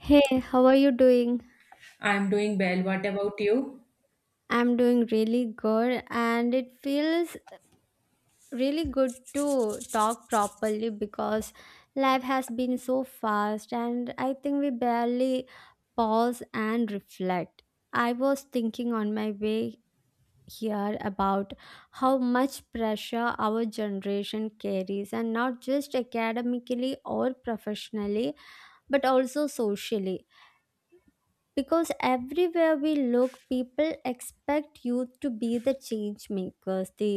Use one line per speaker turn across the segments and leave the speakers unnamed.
Hey, how are you doing?
I'm doing well. What about you?
I'm doing really good, and it feels really good to talk properly because life has been so fast, and I think we barely pause and reflect. I was thinking on my way here about how much pressure our generation carries, and not just academically or professionally, but also socially, because everywhere we look, people expect youth to be the change makers, the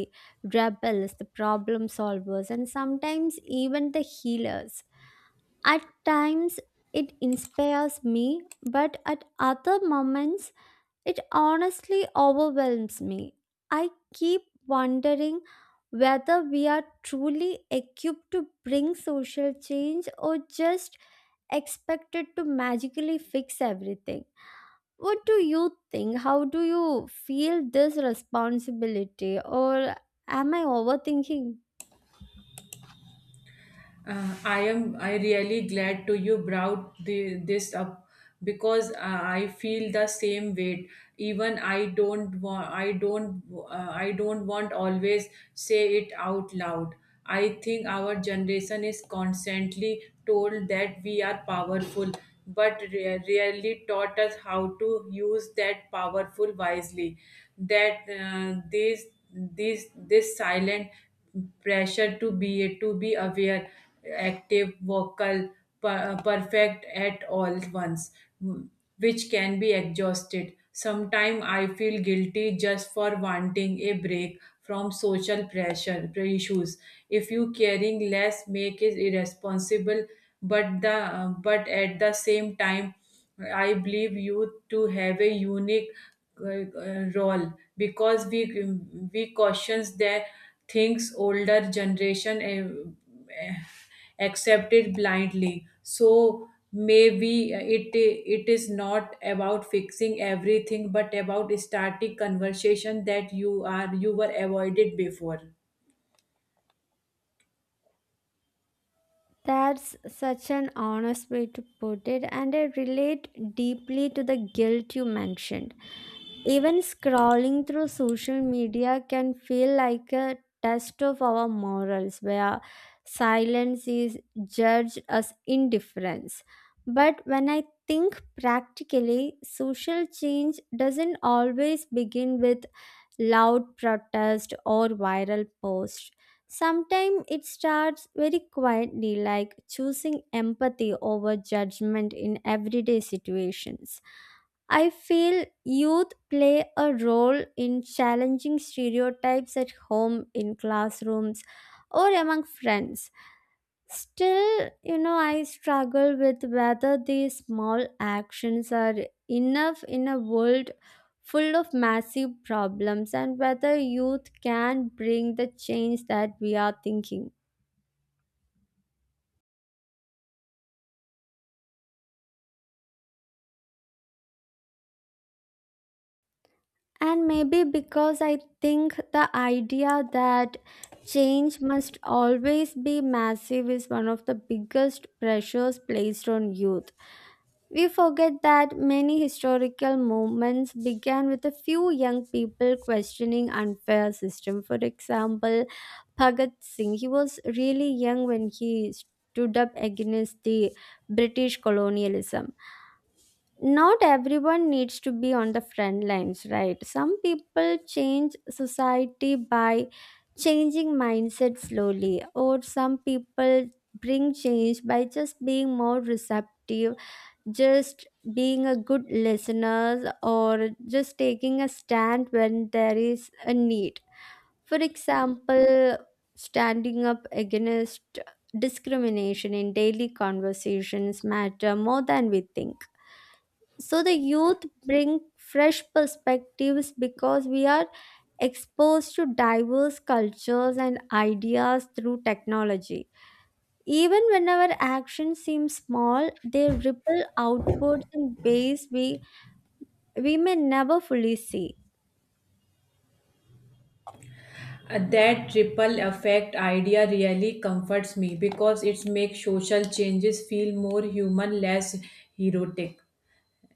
rebels, the problem solvers, and sometimes even the healers. At times it inspires me, but at other moments it honestly overwhelms me. I keep wondering whether we are truly equipped to bring social change, or just expected to magically fix everything. What do you think? How do you feel this responsibility? Or am I overthinking?
I am I really glad to you brought this up because I feel the same weight. Even I don't want always say it out loud. I think our generation is constantly told that we are powerful, but rarely taught us how to use that powerful wisely. That this silent pressure to be aware active, vocal, perfect at all once, which can be exhausted. Sometimes I feel guilty just for wanting a break from social pressure issues. If you caring less make it irresponsible, but at the same time, I believe you to have a unique role because we cautions that things older generation uh, accept it blindly. So maybe it is not about fixing everything but about starting conversation that you were avoided before.
That's such an honest way to put it, and I relate deeply to the guilt you mentioned. Even scrolling through social media can feel like a test of our morals, where silence is judged as indifference. But when I think practically, social change doesn't always begin with loud protest or viral post. Sometimes it starts very quietly, like choosing empathy over judgment in everyday situations. I feel youth play a role in challenging stereotypes at home, in classrooms, or among friends. Still, I struggle with whether these small actions are enough in a world full of massive problems, and whether youth can bring the change that we are thinking. And maybe because I think the idea that change must always be massive is one of the biggest pressures placed on youth. We forget that many historical movements began with a few young people questioning unfair system. For example, Bhagat Singh, he was really young when he stood up against the British colonialism. Not everyone needs to be on the front lines, right? Some people change society by changing mindset slowly, or some people bring change by just being more receptive, just being a good listener, or just taking a stand when there is a need. For example, standing up against discrimination in daily conversations matter more than we think. So the youth bring fresh perspectives, because we are exposed to diverse cultures and ideas through technology. Even when our actions seem small, they ripple outwards in ways we may never fully see.
That ripple effect idea really comforts me because it makes social changes feel more human, less heroic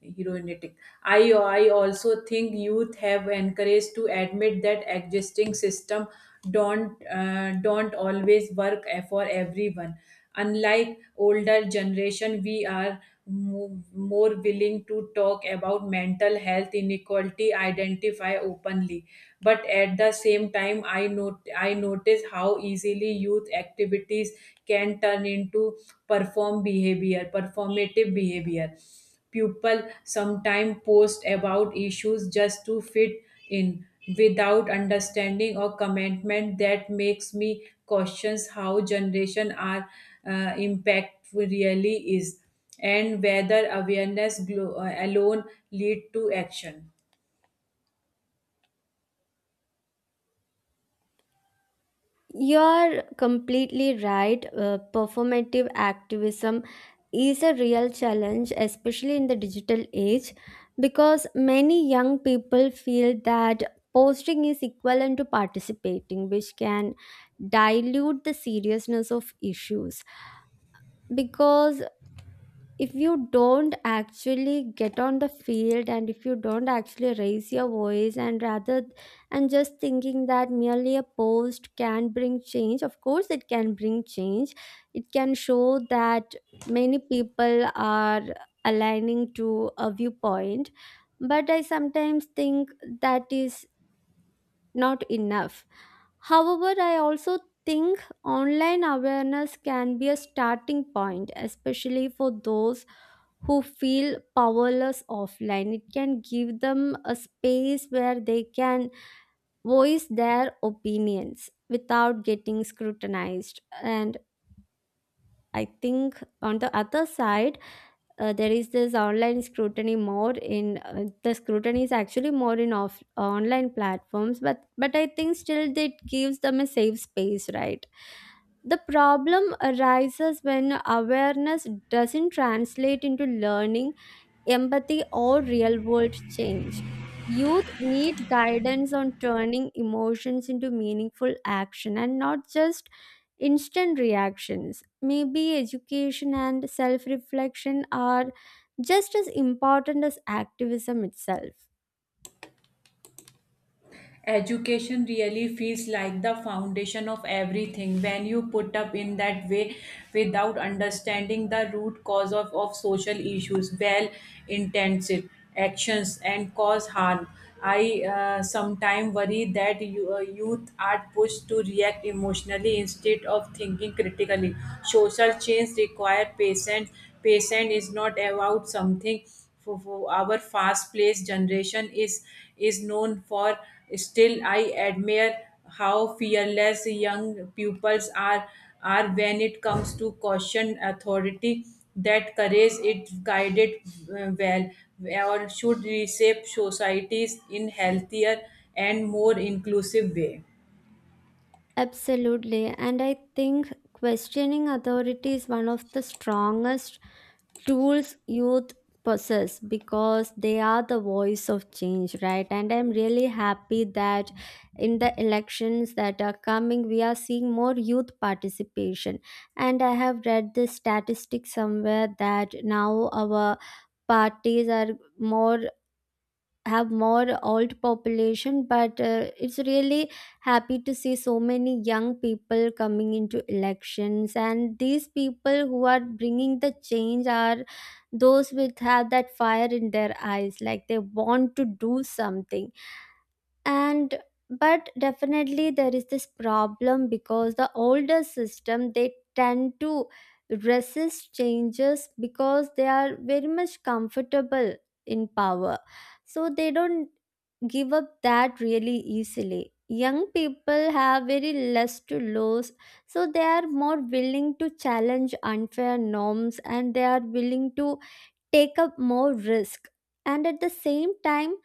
heroinetic. I also think youth have encouraged to admit that existing system don't always work for everyone. Unlike older generation, we are more willing to talk about mental health inequality, identify openly, but at the same time I notice how easily youth activities can turn into performative behavior. People sometimes post about issues just to fit in without understanding or commitment. That makes me questions how generation are impact really is and whether awareness alone lead to action.
You're completely right. Performative activism is a real challenge, especially in the digital age, because many young people feel that posting is equivalent to participating, which can dilute the seriousness of issues. Because if you don't actually get on the field, and if you don't actually raise your voice, and just thinking that merely a post can bring change. Of course it can bring change. It can show that many people are aligning to a viewpoint, but I sometimes think that is not enough. However, I also think online awareness can be a starting point, especially for those who feel powerless offline. It can give them a space where they can voice their opinions without getting scrutinized. And I think on the other side, there is this online scrutiny more in, the scrutiny is actually more in off online platforms, but I think still it gives them a safe space, right? The problem arises when awareness doesn't translate into learning, empathy, or real world change. Youth need guidance on turning emotions into meaningful action, and not just instant reactions. Maybe education and self reflection are just as important as activism itself.
Education really feels like the foundation of everything when you put up in that way. Without understanding the root cause of social issues, well intentioned actions and cause harm. I sometimes worry that youth are pushed to react emotionally instead of thinking critically. Social change require patience. Patience is not about something for our fast paced generation is known for. Still I admire how fearless young pupils are when it comes to caution authority. That courage it guided uh, well or should reshape societies in healthier and more inclusive way.
Absolutely. And I think questioning authority is one of the strongest tools youth possess, because they are the voice of change, right? And I'm really happy that in the elections that are coming, we are seeing more youth participation. And I have read this statistic somewhere that now our parties are more have more old population, but it's really happy to see so many young people coming into elections, and these people who are bringing the change are those with have that fire in their eyes, like they want to do something. And but definitely there is this problem, because the older system, they tend to resist changes because they are very much comfortable in power, so they don't give up that really easily. Young people have very less to lose, so they are more willing to challenge unfair norms, and they are willing to take up more risk. And at the same time,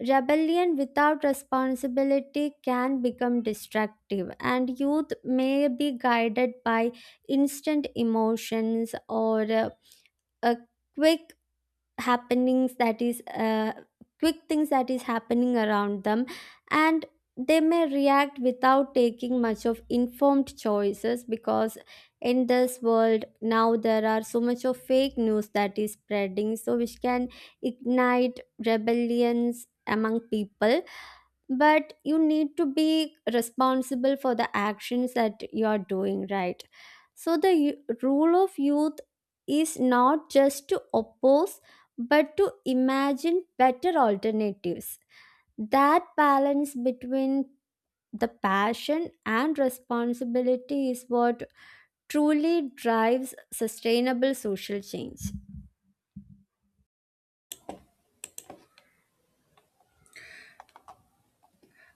rebellion without responsibility can become destructive, and youth may be guided by instant emotions, or a quick happenings that is quick things that is happening around them, and they may react without taking much of informed choices, because in this world now there are so much of fake news that is spreading, so which can ignite rebellions among people. But you need to be responsible for the actions that you are doing, right? So the role of youth is not just to oppose, but to imagine better alternatives. That balance between the passion and responsibility is what truly drives sustainable social change.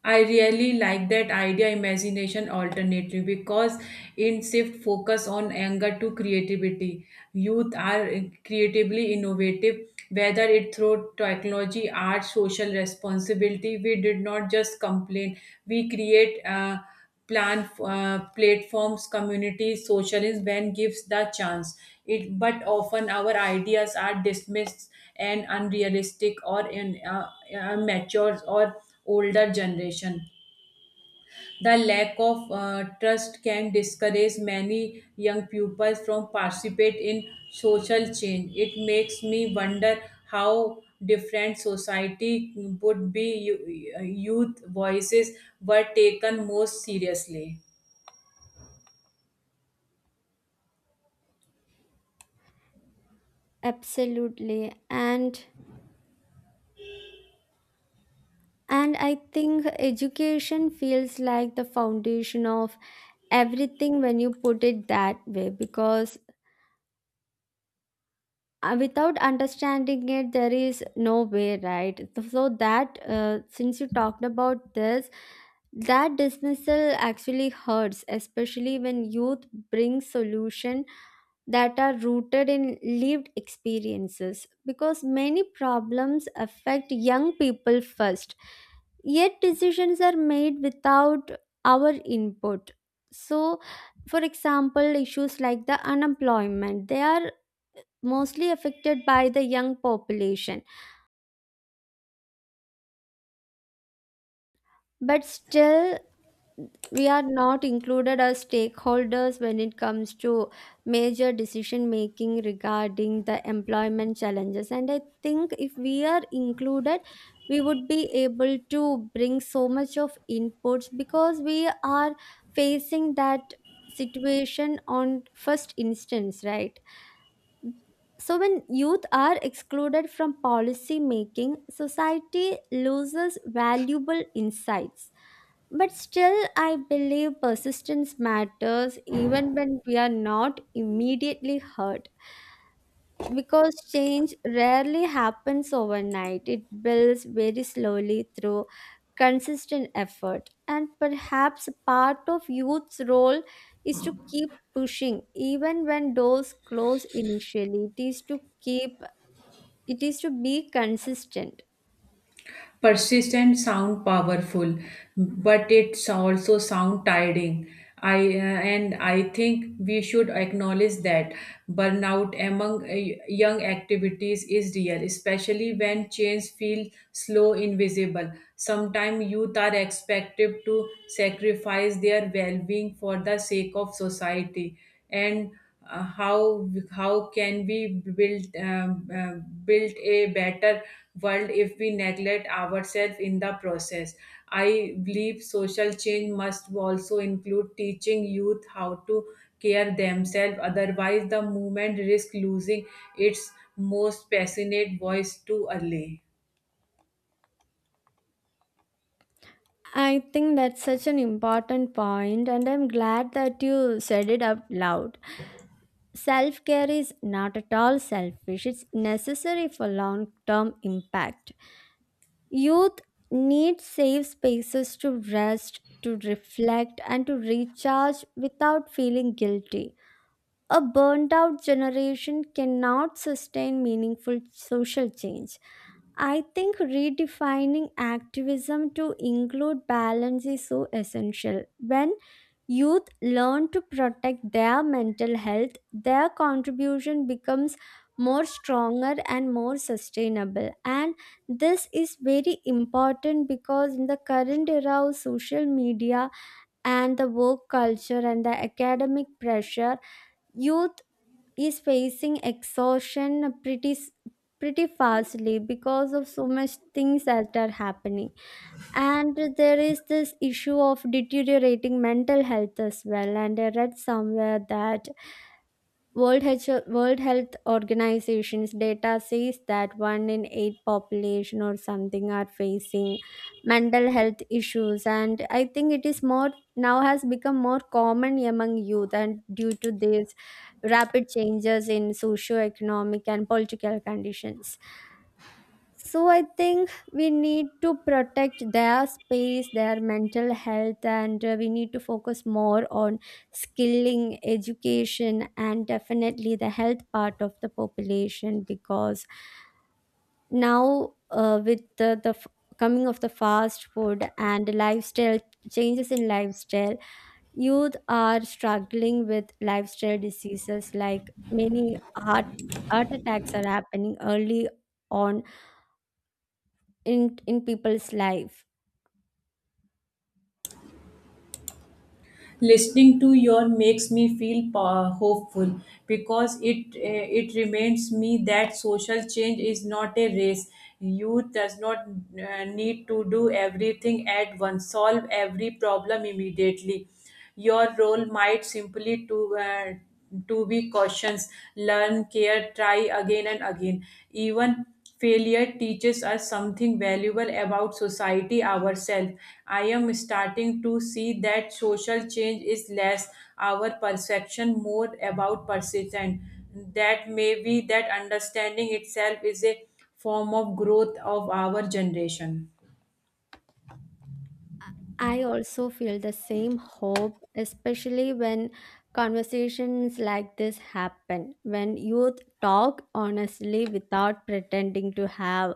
I really like that idea imagination alternative because it shift focus on anger to creativity. Youth are creatively innovative, whether it through technology, art, social responsibility. We did not just complain. We create. Plan platforms communities, socialism when gives the chance it, but often our ideas are dismissed and unrealistic or in matures or older generation. The lack of trust can discourage many young pupils from participate in social change. It makes me wonder how different society would be youth voices were taken most seriously.
Absolutely. And I think education feels like the foundation of everything when you put it that way, because without understanding it there is no way, right? So, that since you talked about this, that dismissal actually hurts, especially when youth brings solution that are rooted in lived experiences, because many problems affect young people first, yet decisions are made without our input. So, for example, issues like the unemployment, they are mostly affected by the young population, but still we are not included as stakeholders when it comes to major decision making regarding the employment challenges. And I think if we are included, we would be able to bring so much of inputs because we are facing that situation on first instance, right? So, when youth are excluded from policy making, society loses valuable insights. But still, I believe persistence matters even when we are not immediately heard, because change rarely happens overnight. It builds very slowly through consistent effort. And perhaps part of youth's role is to keep pushing, even when doors close initially. It is to be consistent.
Persistent sound powerful, but it's also sound tiring. I uh, and I think we should acknowledge that burnout among young activities is real, especially when change feels slow invisible. Sometimes youth are expected to sacrifice their well-being for the sake of society. And How can we build a better world if we neglect ourselves in the process? I believe social change must also include teaching youth how to care themselves, otherwise the movement risks losing its most passionate voice too early.
I think that's such an important point, and I'm glad that you said it out loud. Self care is not at all selfish, it's necessary for long term impact. Youth need safe spaces to rest, to reflect, and to recharge without feeling guilty. A burnt out generation cannot sustain meaningful social change. I think redefining activism to include balance is so essential. When youth learn to protect their mental health, their contribution becomes more stronger and more sustainable. And this is very important because in the current era of social media and the work culture and the academic pressure, youth is facing exhaustion pretty fastly because of so much things that are happening. And there is this issue of deteriorating mental health as well, and I read somewhere that World Health Organization's data says that 1 in 8 population or something are facing mental health issues, and I think it is more now has become more common among youth, and due to these rapid changes in socio-economic and political conditions. So I think we need to protect their space, their mental health, and we need to focus more on skilling, education, and definitely the health part of the population. Because now with the coming of the fast food and lifestyle, changes in lifestyle, youth are struggling with lifestyle diseases, like many heart attacks are happening early on in people's life.
Listening to your makes me feel hopeful because it reminds me that social change is not a race. Youth does not need to do everything at once solve every problem immediately. Your role might simply to be cautious, learn care, try again and again. Even failure teaches us something valuable about society ourselves. I am starting to see that social change is less our perception, more about persistence. That may be that understanding itself is a form of growth of our generation.
I also feel the same hope, especially when conversations like this happen, when youth talk honestly without pretending to have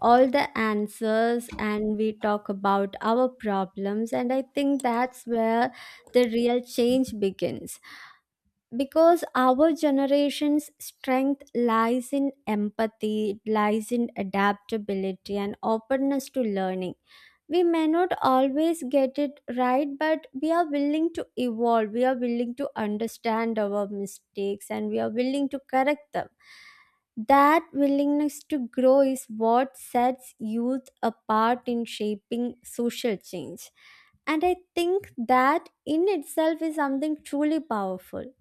all the answers, and we talk about our problems. And I think that's where the real change begins, because our generation's strength lies in empathy, it lies in adaptability and openness to learning. We may not always get it right, but we are willing to evolve, we are willing to understand our mistakes, and we are willing to correct them. That willingness to grow is what sets youth apart in shaping social change. And I think that in itself is something truly powerful.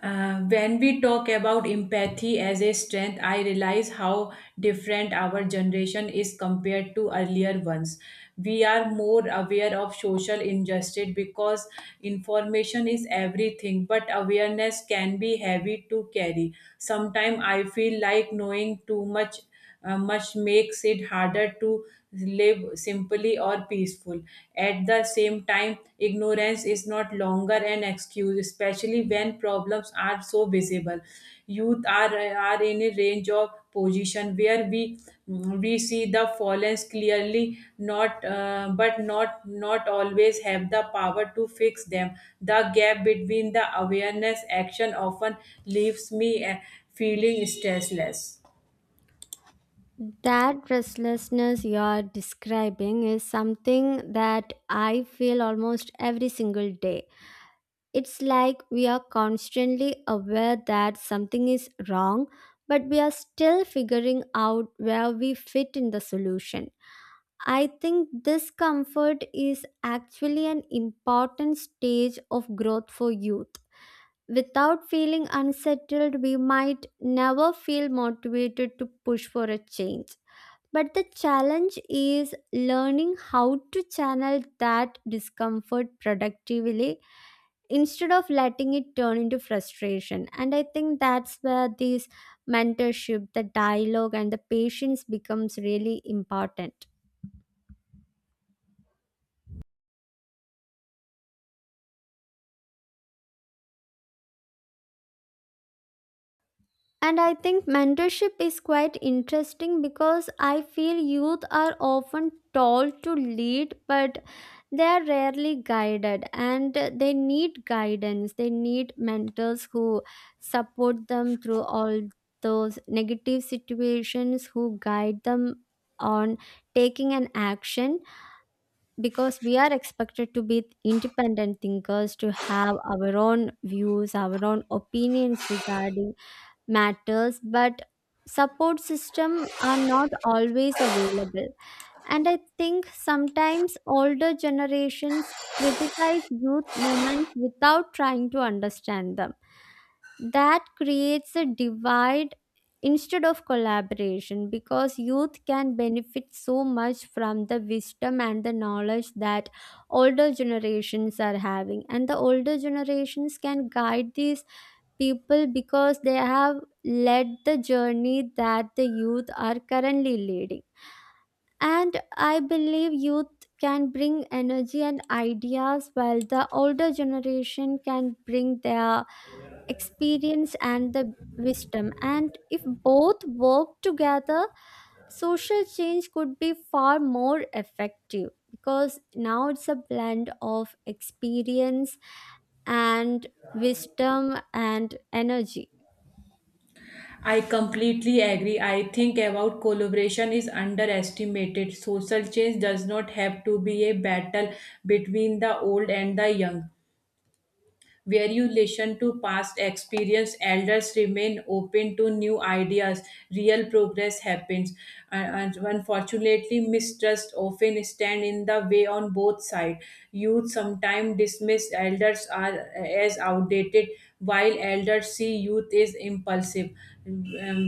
When we talk about empathy as a strength, I realize how different our generation is compared to earlier ones. We are more aware of social injustice because information is everything, but awareness can be heavy to carry. Sometimes I feel like knowing too much much makes it harder to live simply or peaceful. At the same time, ignorance is not longer an excuse, especially when problems are so visible. Youth are in a range of position where we see the fallens clearly not always have the power to fix them. The gap between the awareness action often leaves me feeling stressless.
That restlessness you're describing is something that I feel almost every single day. It's like we are constantly aware that something is wrong, but we are still figuring out where we fit in the solution. I think discomfort is actually an important stage of growth for youth. Without feeling unsettled, we might never feel motivated to push for a change. But the challenge is learning how to channel that discomfort productively instead of letting it turn into frustration. And I think that's where this mentorship, the dialogue, and the patience becomes really important. And I think mentorship is quite interesting, because I feel youth are often told to lead, but they are rarely guided, and they need guidance. They need mentors who support them through all those negative situations, who guide them on taking an action because we are expected to be independent thinkers, to have our own views, our own opinions regarding matters, but support system are not always available. And I think sometimes older generations criticize youth movements without trying to understand them. That creates a divide instead of collaboration because youth can benefit so much from the wisdom and the knowledge that older generations are having, and the older generations can guide these people because they have led the journey that the youth are currently leading. And I believe youth can bring energy and ideas while the older generation can bring their experience and the wisdom. And if both work together, social change could be far more effective because now it's a blend of experience and wisdom and energy.
I completely agree. I think about collaboration is underestimated. Social change does not have to be a battle between the old and the young, where you listen to past experience elders remain open to new ideas real progress happens. And unfortunately mistrust often stand in the way on both sides. Youth sometimes dismiss elders are as outdated, while elders see youth as impulsive. Um,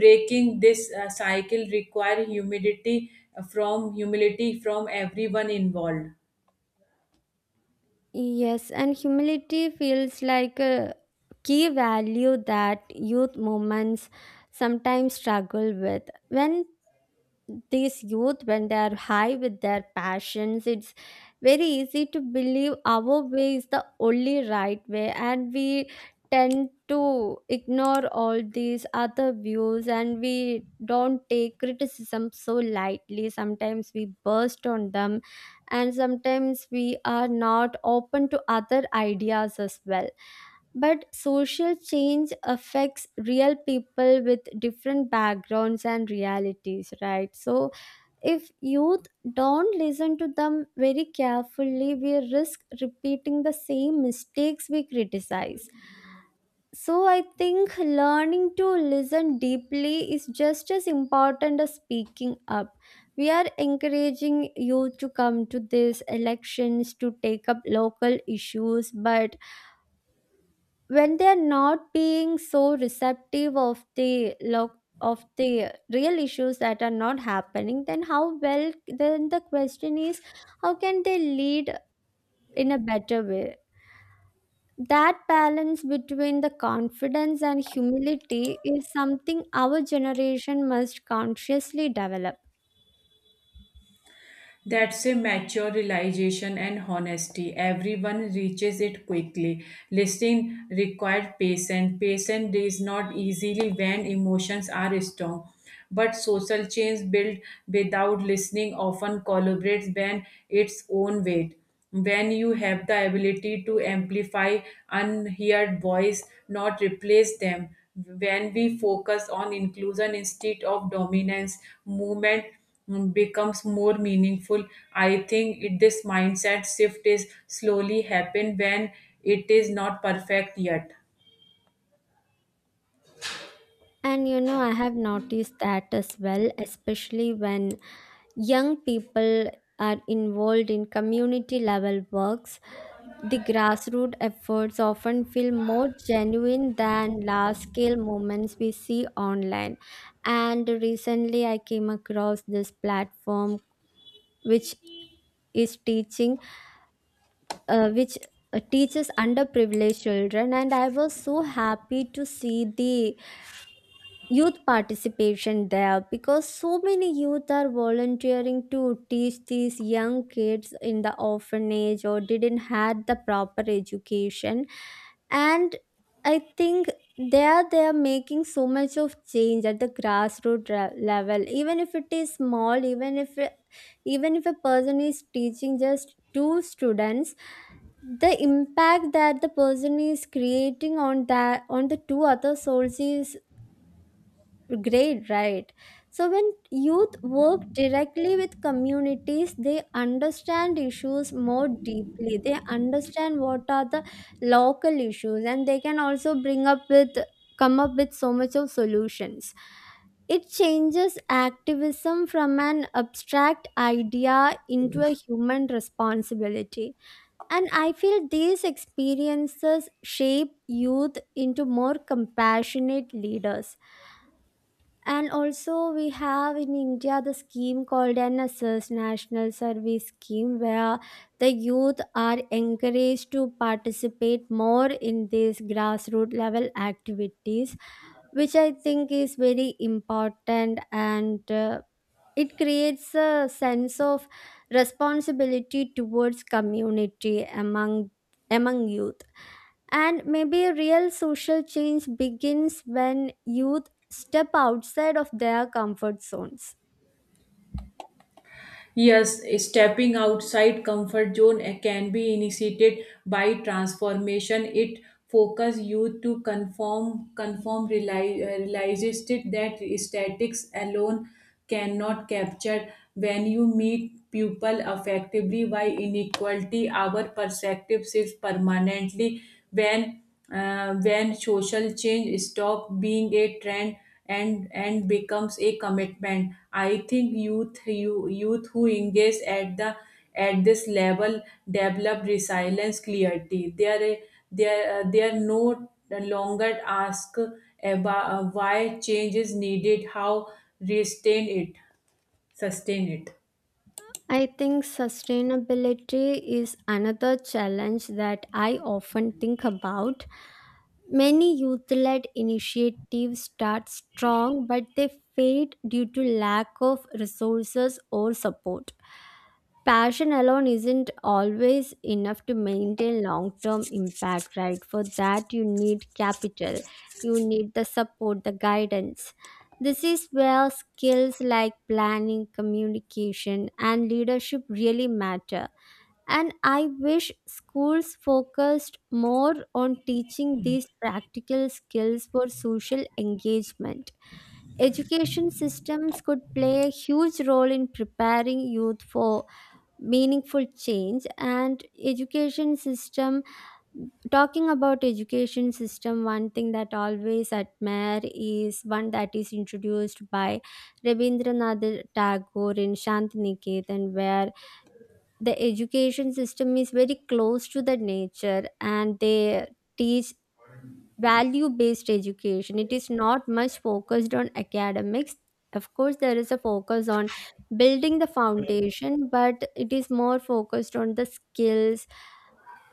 Breaking this cycle require humility from everyone involved.
Yes, and humility feels like a key value that youth movements sometimes struggle with. When these youth, when they are high with their passions, it's very easy to believe our way is the only right way, and we tend to ignore all these other views, and we don't take criticism so lightly. Sometimes we burst on them, and sometimes we are not open to other ideas as well. But social change affects real people with different backgrounds and realities, right? So, if youth don't listen to them very carefully, we risk repeating the same mistakes we criticize. So, I think learning to listen deeply is just as important as speaking up. We are encouraging youth to come to these elections to take up local issues, but when they are not being so receptive of the look of the real issues that are not happening, then how well, then the question is, how can they lead in a better way? That balance between the confidence and humility is something our generation must consciously develop.
That's a mature realization and honesty. Everyone reaches it quickly. Listening required patience. Patience is not easily when emotions are strong. But social change built without listening often collaborates when its own weight. When you have the ability to amplify unheard voice, not replace them. When we focus on inclusion instead of dominance, movement becomes more meaningful. I think this mindset shift is slowly happen when it is not perfect yet.
And you know, I have noticed that as well, especially when young people are involved in community level works. The grassroots efforts often feel more genuine than large scale movements we see online. And recently, I came across this platform which is teaching, which teaches underprivileged children, and I was so happy to see the youth participation there because so many youth are volunteering to teach these young kids in the orphanage or didn't had the proper education. And I think there they are making so much of change at the grassroots level, even if it is small, even if a person is teaching just two students, the impact that the person is creating on that on the two other souls is great, right? So, when youth work directly with communities, they understand issues more deeply. They understand what are the local issues, and they can also bring up with come up with so much of solutions. It changes activism from an abstract idea into a human responsibility. And I feel these experiences shape youth into more compassionate leaders. And also, we have in India the scheme called an NSS, National Service Scheme, where the youth are encouraged to participate more in these grassroots level activities, which I think is very important, and it creates a sense of responsibility towards community among youth. And maybe real social change begins when youth step outside of their comfort zones.
Yes, stepping outside comfort zone can be initiated by transformation. It focuses you to conform, realizes it that statics alone cannot capture. When you meet people effectively by inequality, our perspective shifts permanently. When when social change stop being a trend and becomes a commitment, I think youth who engage at the at this level develop resilience clarity. They are they are no longer ask about why change is needed, how restrain it sustain it.
I think sustainability is another challenge that I often think about. Many youth led initiatives start strong, but they fade due to lack of resources or support. Passion alone isn't always enough to maintain long term impact, right? For that, you need capital, you need the support, the guidance. This is where skills like planning, communication, and leadership really matter. And I wish schools focused more on teaching these practical skills for social engagement. Education systems could play a huge role in preparing youth for meaningful change. And education system, talking about education system, one thing that always admire is one that is introduced by Rabindranath Tagore in Shantiniketan, where the education system is very close to the nature, and they teach value based education. It is not much focused on academics. Of course, there is a focus on building the foundation, but it is more focused on the skills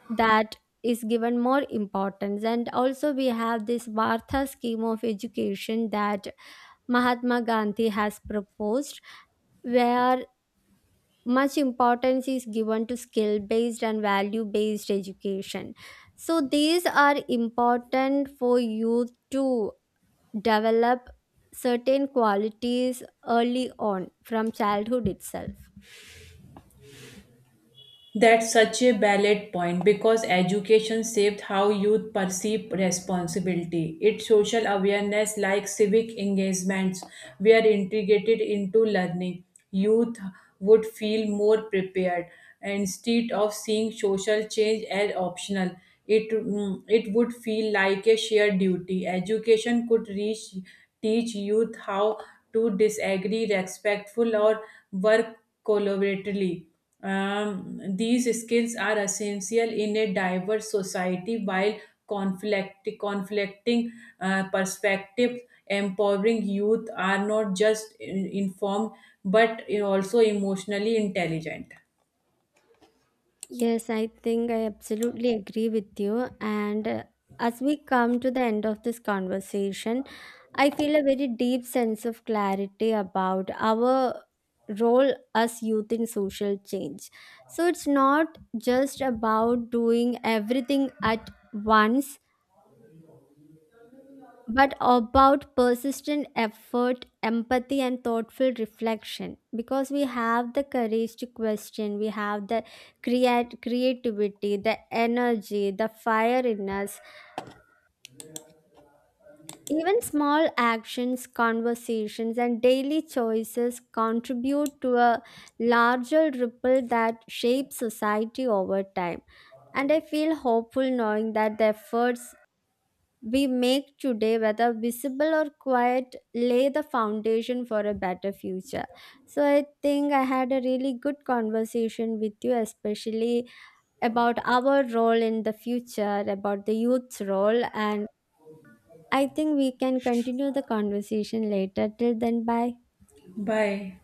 that is given more importance. And also, we have this Vartha scheme of education that Mahatma Gandhi has proposed, where much importance is given to skill based and value based education. So these are important for youth to develop certain qualities early on from childhood itself.
That's such a valid point because education shaped how youth perceive responsibility. It's social awareness like civic engagements were integrated into learning. Youth would feel more prepared instead of seeing social change as optional. It would feel like a shared duty. Education could reach, teach youth how to disagree respectful or work collaboratively. These skills are essential in a diverse society while conflicting perspectives empowering youth are not just informed but also emotionally intelligent.
Yes, I think I absolutely agree with you. And as we come to the end of this conversation, I feel a very deep sense of clarity about our role as youth in social change. So it's not just about doing everything at once, but about persistent effort, empathy, and thoughtful reflection. Because we have the courage to question, we have the creativity, the energy, the fire in us. Even small actions, conversations, and daily choices contribute to a larger ripple that shapes society over time. And I feel hopeful knowing that the efforts we make today, whether visible or quiet, lay the foundation for a better future. So I think I had a really good conversation with you, especially about our role in the future, about the youth's role. And I think we can continue the conversation later. Till then, bye.
Bye.